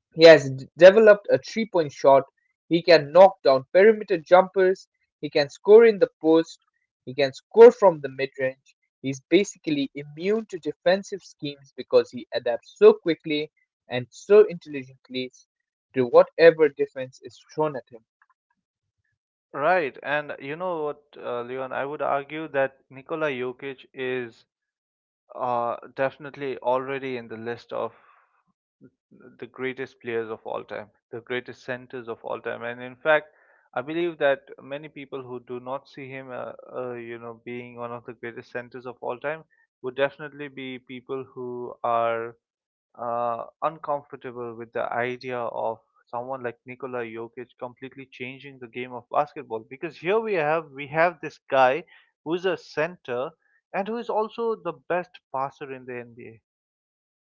[SPEAKER 2] He has developed a 3-point shot. He can knock down perimeter jumpers. He can score in the post. He can score from the mid range. He's basically immune to defensive schemes because he adapts so quickly and so intelligently to whatever defense is thrown at him.
[SPEAKER 1] Right, and you know what, Leon, I would argue that Nikola Jokic is, definitely already in the list of the greatest players of all time, the greatest centers of all time. And in fact, I believe that many people who do not see him, being one of the greatest centers of all time, would definitely be people who are uncomfortable with the idea of someone like Nikola Jokic completely changing the game of basketball. Because here we have this guy who's a center and who is also the best passer in the NBA,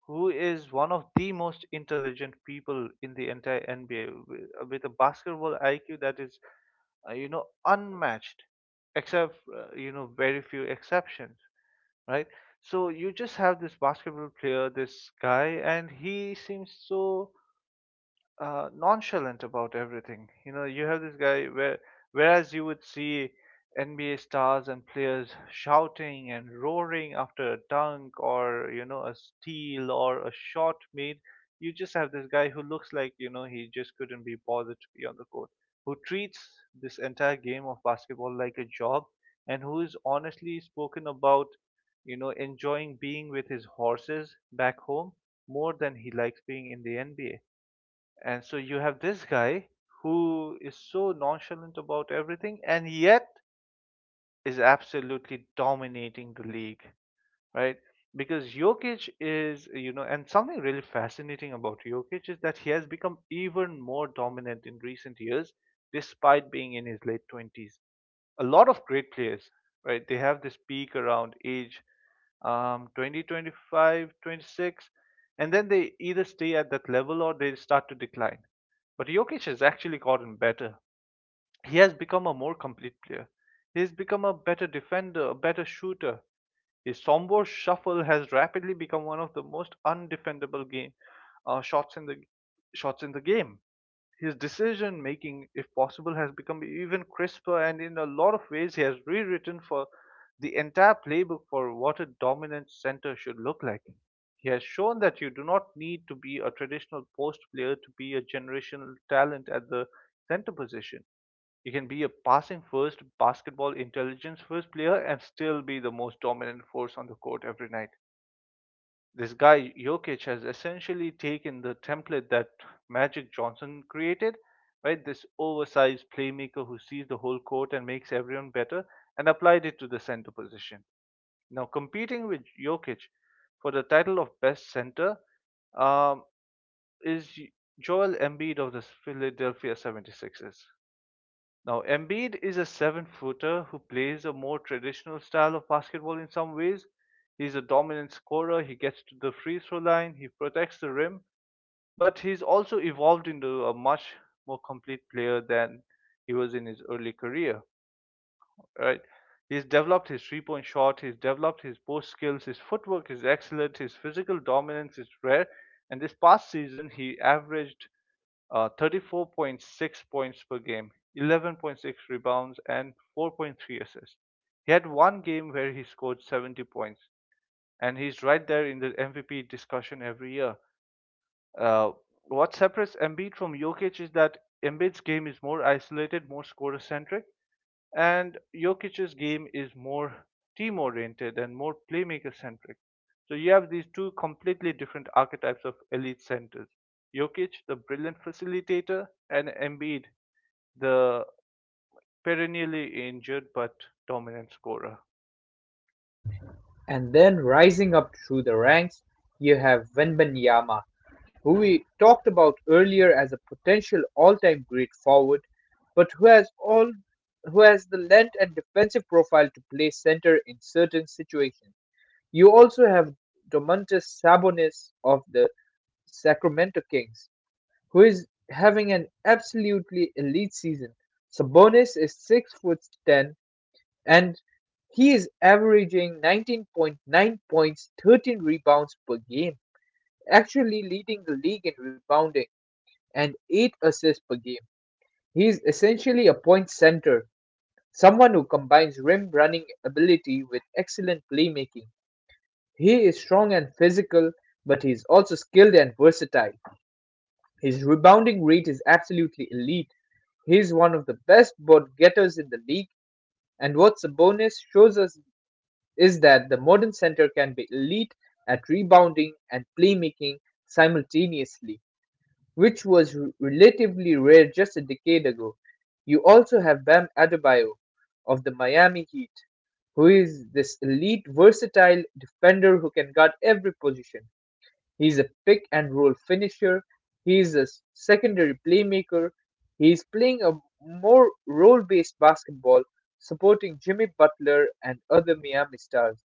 [SPEAKER 1] who is one of the most intelligent people in the entire NBA with a basketball IQ that is, unmatched, except, very few exceptions, right? So you just have this basketball player, this guy, and he seems so nonchalant about everything. You have this guy where, whereas you would see NBA stars and players shouting and roaring after a dunk or, a steal or a shot made, you just have this guy who looks like, he just couldn't be bothered to be on the court, who treats this entire game of basketball like a job and who is honestly spoken about, enjoying being with his horses back home more than he likes being in the NBA. And so you have this guy who is so nonchalant about everything and yet is absolutely dominating the league, right? Because Jokic is, and something really fascinating about Jokic is that he has become even more dominant in recent years despite being in his late 20s. A lot of great players, right? They have this peak around age 20, 25, 26, and then they either stay at that level or they start to decline, but Jokic has actually gotten better. He has become a more complete player. He has become a better defender, a better shooter. His Sombor shuffle has rapidly become one of the most undefendable game uh, shots in the shots in the game. His decision making, if possible, has become even crisper, and in a lot of ways, he has rewritten for the entire playbook for what a dominant center should look like. He has shown that you do not need to be a traditional post player to be a generational talent at the center position. You can be a passing first, basketball intelligence first player and still be the most dominant force on the court every night. This guy Jokic has essentially taken the template that Magic Johnson created, right? This oversized playmaker who sees the whole court and makes everyone better, and applied it to the center position. Now, competing with Jokic for the title of best center, um, is Joel Embiid of the Philadelphia 76ers. Now, Embiid is a seven footer who plays a more traditional style of basketball in some ways. He's a dominant scorer, he gets to the free throw line, he protects the rim, but he's also evolved into a much more complete player than he was in his early career, right? He's developed his three point shot, he's developed his post skills, his footwork is excellent, his physical dominance is rare, and this past season he averaged 34.6 points per game, 11.6 rebounds, and 4.3 assists. He had one game where he scored 70 points, and he's right there in the MVP discussion every year. Uh, what separates Embiid from Jokic is that Embiid's game is more isolated, more scorer centric, and Jokic's game is more team oriented and more playmaker centric. So you have these two completely different archetypes of elite centers. Jokic, the brilliant facilitator, and Embiid, the perennially injured but dominant scorer.
[SPEAKER 2] And then rising up through the ranks, you have Wembanyama, who we talked about earlier as a potential all-time great forward, but who has all who has the length and defensive profile to play center in certain situations. You also have Domantas Sabonis of the Sacramento Kings, who is having an absolutely elite season. Sabonis is 6 foot 10 and he is averaging 19.9 points, 13 rebounds per game, actually leading the league in rebounding and 8 assists per game. He is essentially a point center, someone who combines rim running ability with excellent playmaking. He is strong and physical, but he is also skilled and versatile. His rebounding rate is absolutely elite. He is one of the best board getters in the league, and what Sabonis shows us is that the modern center can be elite at rebounding and playmaking simultaneously, which was relatively rare just a decade ago. You also have Bam Adebayo of the Miami Heat, who is this elite, versatile defender who can guard every position. He's a pick and roll finisher, he's a secondary playmaker, he's playing a more role based basketball, supporting Jimmy Butler and other Miami stars,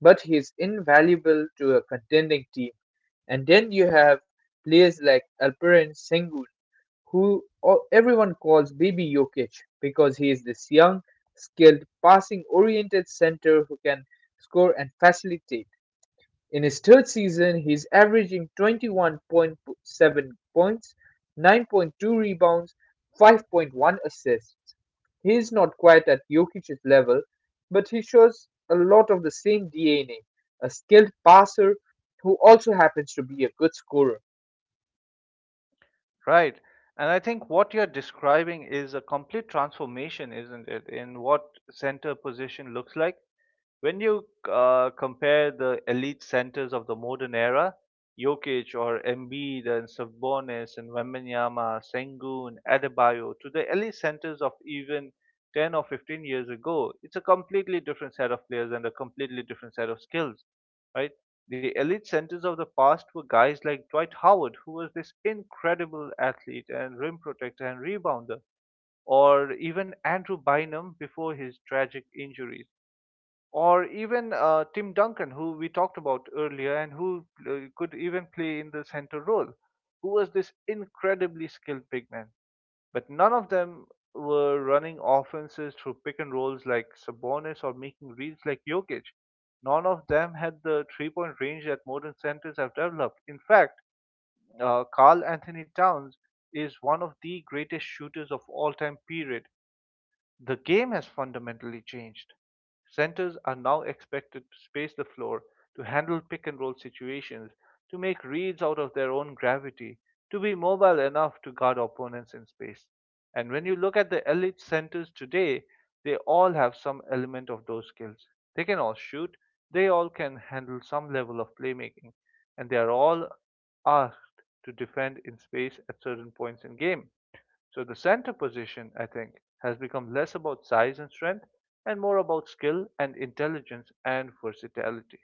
[SPEAKER 2] but he's invaluable to a contending team. And then you have players like Alperen Sengun, who everyone calls Baby Jokic because he is this young, skilled, passing oriented center who can score and facilitate. In his third season, he's averaging 21.7 points, 9.2 rebounds, 5.1 assists. He is not quite at Jokic's level, but he shows a lot of the same DNA, a skilled passer who also happens to be a good scorer.
[SPEAKER 1] Right. And I think what you're describing is a complete transformation, isn't it, in what center position looks like? When you compare the elite centers of the modern era, Jokic or Embiid and Sabonis and Wembanyama, Sengun, Adebayo, to the elite centers of even 10 or 15 years ago, it's a completely different set of players and a completely different set of skills, right? The elite centers of the past were guys like Dwight Howard, who was this incredible athlete and rim protector and rebounder, or even Andrew Bynum before his tragic injuries, or even Tim Duncan, who we talked about earlier and who could even play in the center role, who was this incredibly skilled big man. But none of them were running offenses through pick and rolls like Sabonis or making reads like Jokic. None of them had the 3 point range that modern centers have developed. In fact, Carl Anthony Towns is one of the greatest shooters of all time, period. The game has fundamentally changed. Centers are now expected to space the floor, to handle pick and roll situations, to make reads out of their own gravity, to be mobile enough to guard opponents in space. And when you look at the elite centers today, they all have some element of those skills. They can all shoot, they all can handle some level of playmaking, and they are all asked to defend in space at certain points in game. So the center position, I think, has become less about size and strength and more about skill and intelligence and versatility.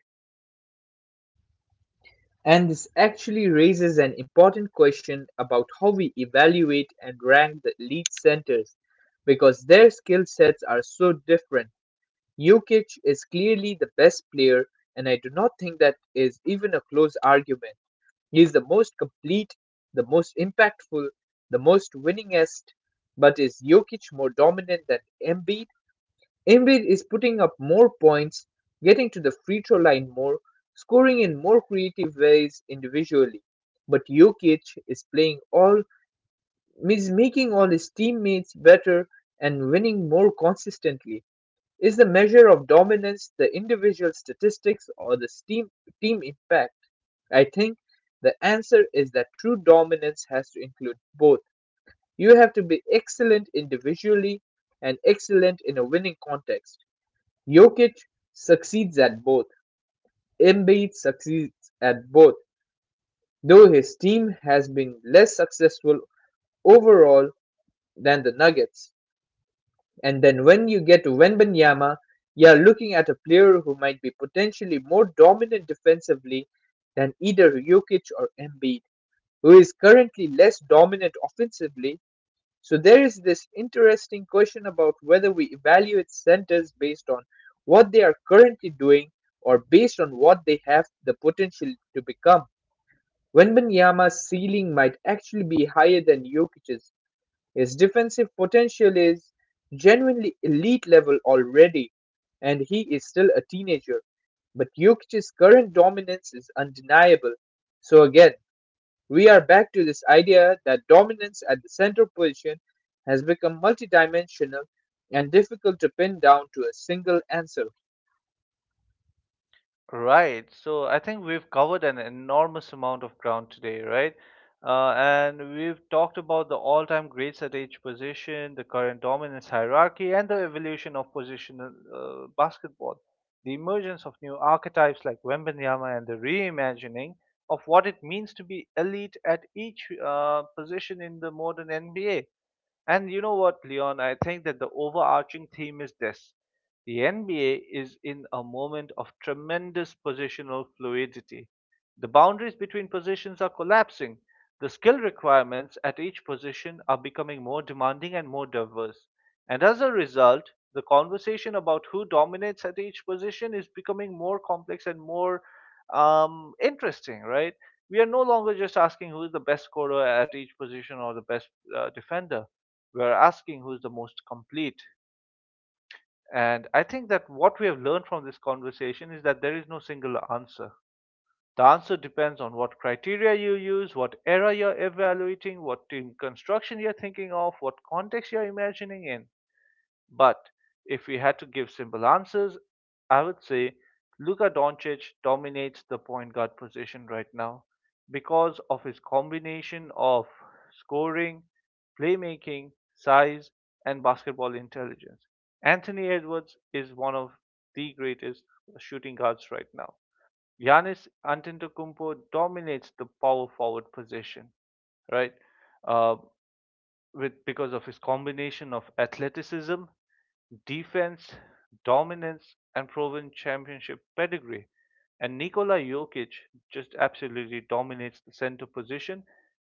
[SPEAKER 2] And this actually raises an important question about how we evaluate and rank the elite centers because their skill sets are so different. Jokic is clearly the best player, and I do not think that is even a close argument. He is the most complete, the most impactful, the most winningest. But is Jokic more dominant than Embiid? Embiid is putting up more points, getting to the free throw line more, scoring in more creative ways individually. But Jokic is is making all his teammates better and winning more consistently. Is the measure of dominance the individual statistics or the team impact? I think the answer is that true dominance has to include both. You have to be excellent individually and excellent in a winning context. Jokic succeeds at both. Embiid succeeds at both, though his team has been less successful overall than the Nuggets. And then when you get to Wembanyama, you're looking at a player who might be potentially more dominant defensively than either Jokic or Embiid, who is currently less dominant offensively. So there is this interesting question about whether we evaluate centers based on what they are currently doing or based on what they have the potential to become. Wembanyama's ceiling might actually be higher than Jokic's. His defensive potential is genuinely elite level already, and he is still a teenager. But Jokic's current dominance is undeniable. So again, we are back to this idea that dominance at the center position has become multidimensional and difficult to pin down to a single answer.
[SPEAKER 1] Right. So I think we've covered an enormous amount of ground today, right? And we've talked about the all time greats at each position, the current dominance hierarchy, and the evolution of positional basketball, the emergence of new archetypes like Wembenyama, and the reimagining of what it means to be elite at each position in the modern NBA. And you know what, Leon? I think that the overarching theme is this: the NBA is in a moment of tremendous positional fluidity. The boundaries between positions are collapsing. The skill requirements at each position are becoming more demanding and more diverse. And as a result, the conversation about who dominates at each position is becoming more complex and more interesting, right? We are no longer just asking who is the best scorer at each position or the best defender, we are asking who's the most complete. And I think that what we have learned from this conversation is that there is no single answer. The answer depends on what criteria you use, what era you're evaluating, what team construction you're thinking of, what context you're imagining in. But if we had to give simple answers, I would say Luka Doncic dominates the point guard position right now because of his combination of scoring, playmaking, size, and basketball intelligence. Anthony Edwards is one of the greatest shooting guards right now. Giannis Antetokounmpo dominates the power forward position, right? Uh, with Because of his combination of athleticism, defense, dominance, and proven championship pedigree. And Nikola Jokic just absolutely dominates the center position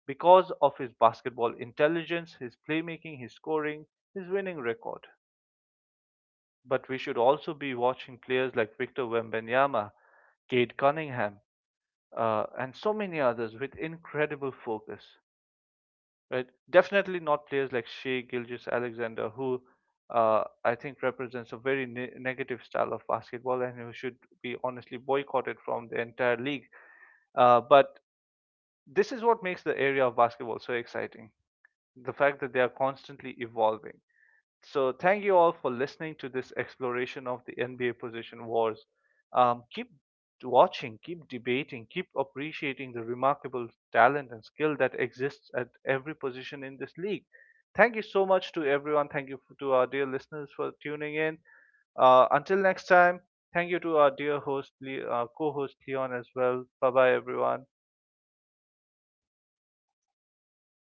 [SPEAKER 1] because of his basketball intelligence, his playmaking, his scoring, his winning record. But we should also be watching players like Victor Wembanyama, Cade Cunningham, and so many others with incredible focus, right? Definitely not players like Shea Gilgis Alexander, who I think represents a very negative style of basketball and who should be honestly boycotted from the entire league. But this is what makes the area of basketball so exciting, the fact that they are constantly evolving. So thank you all for listening to this exploration of the NBA position wars. Keep watching, keep debating, keep appreciating the remarkable talent and skill that exists at every position in this league. Thank you so much to everyone. Thank you to our dear listeners for tuning in. Until next time, thank you to our dear host, co-host Leon as well. Bye bye, everyone.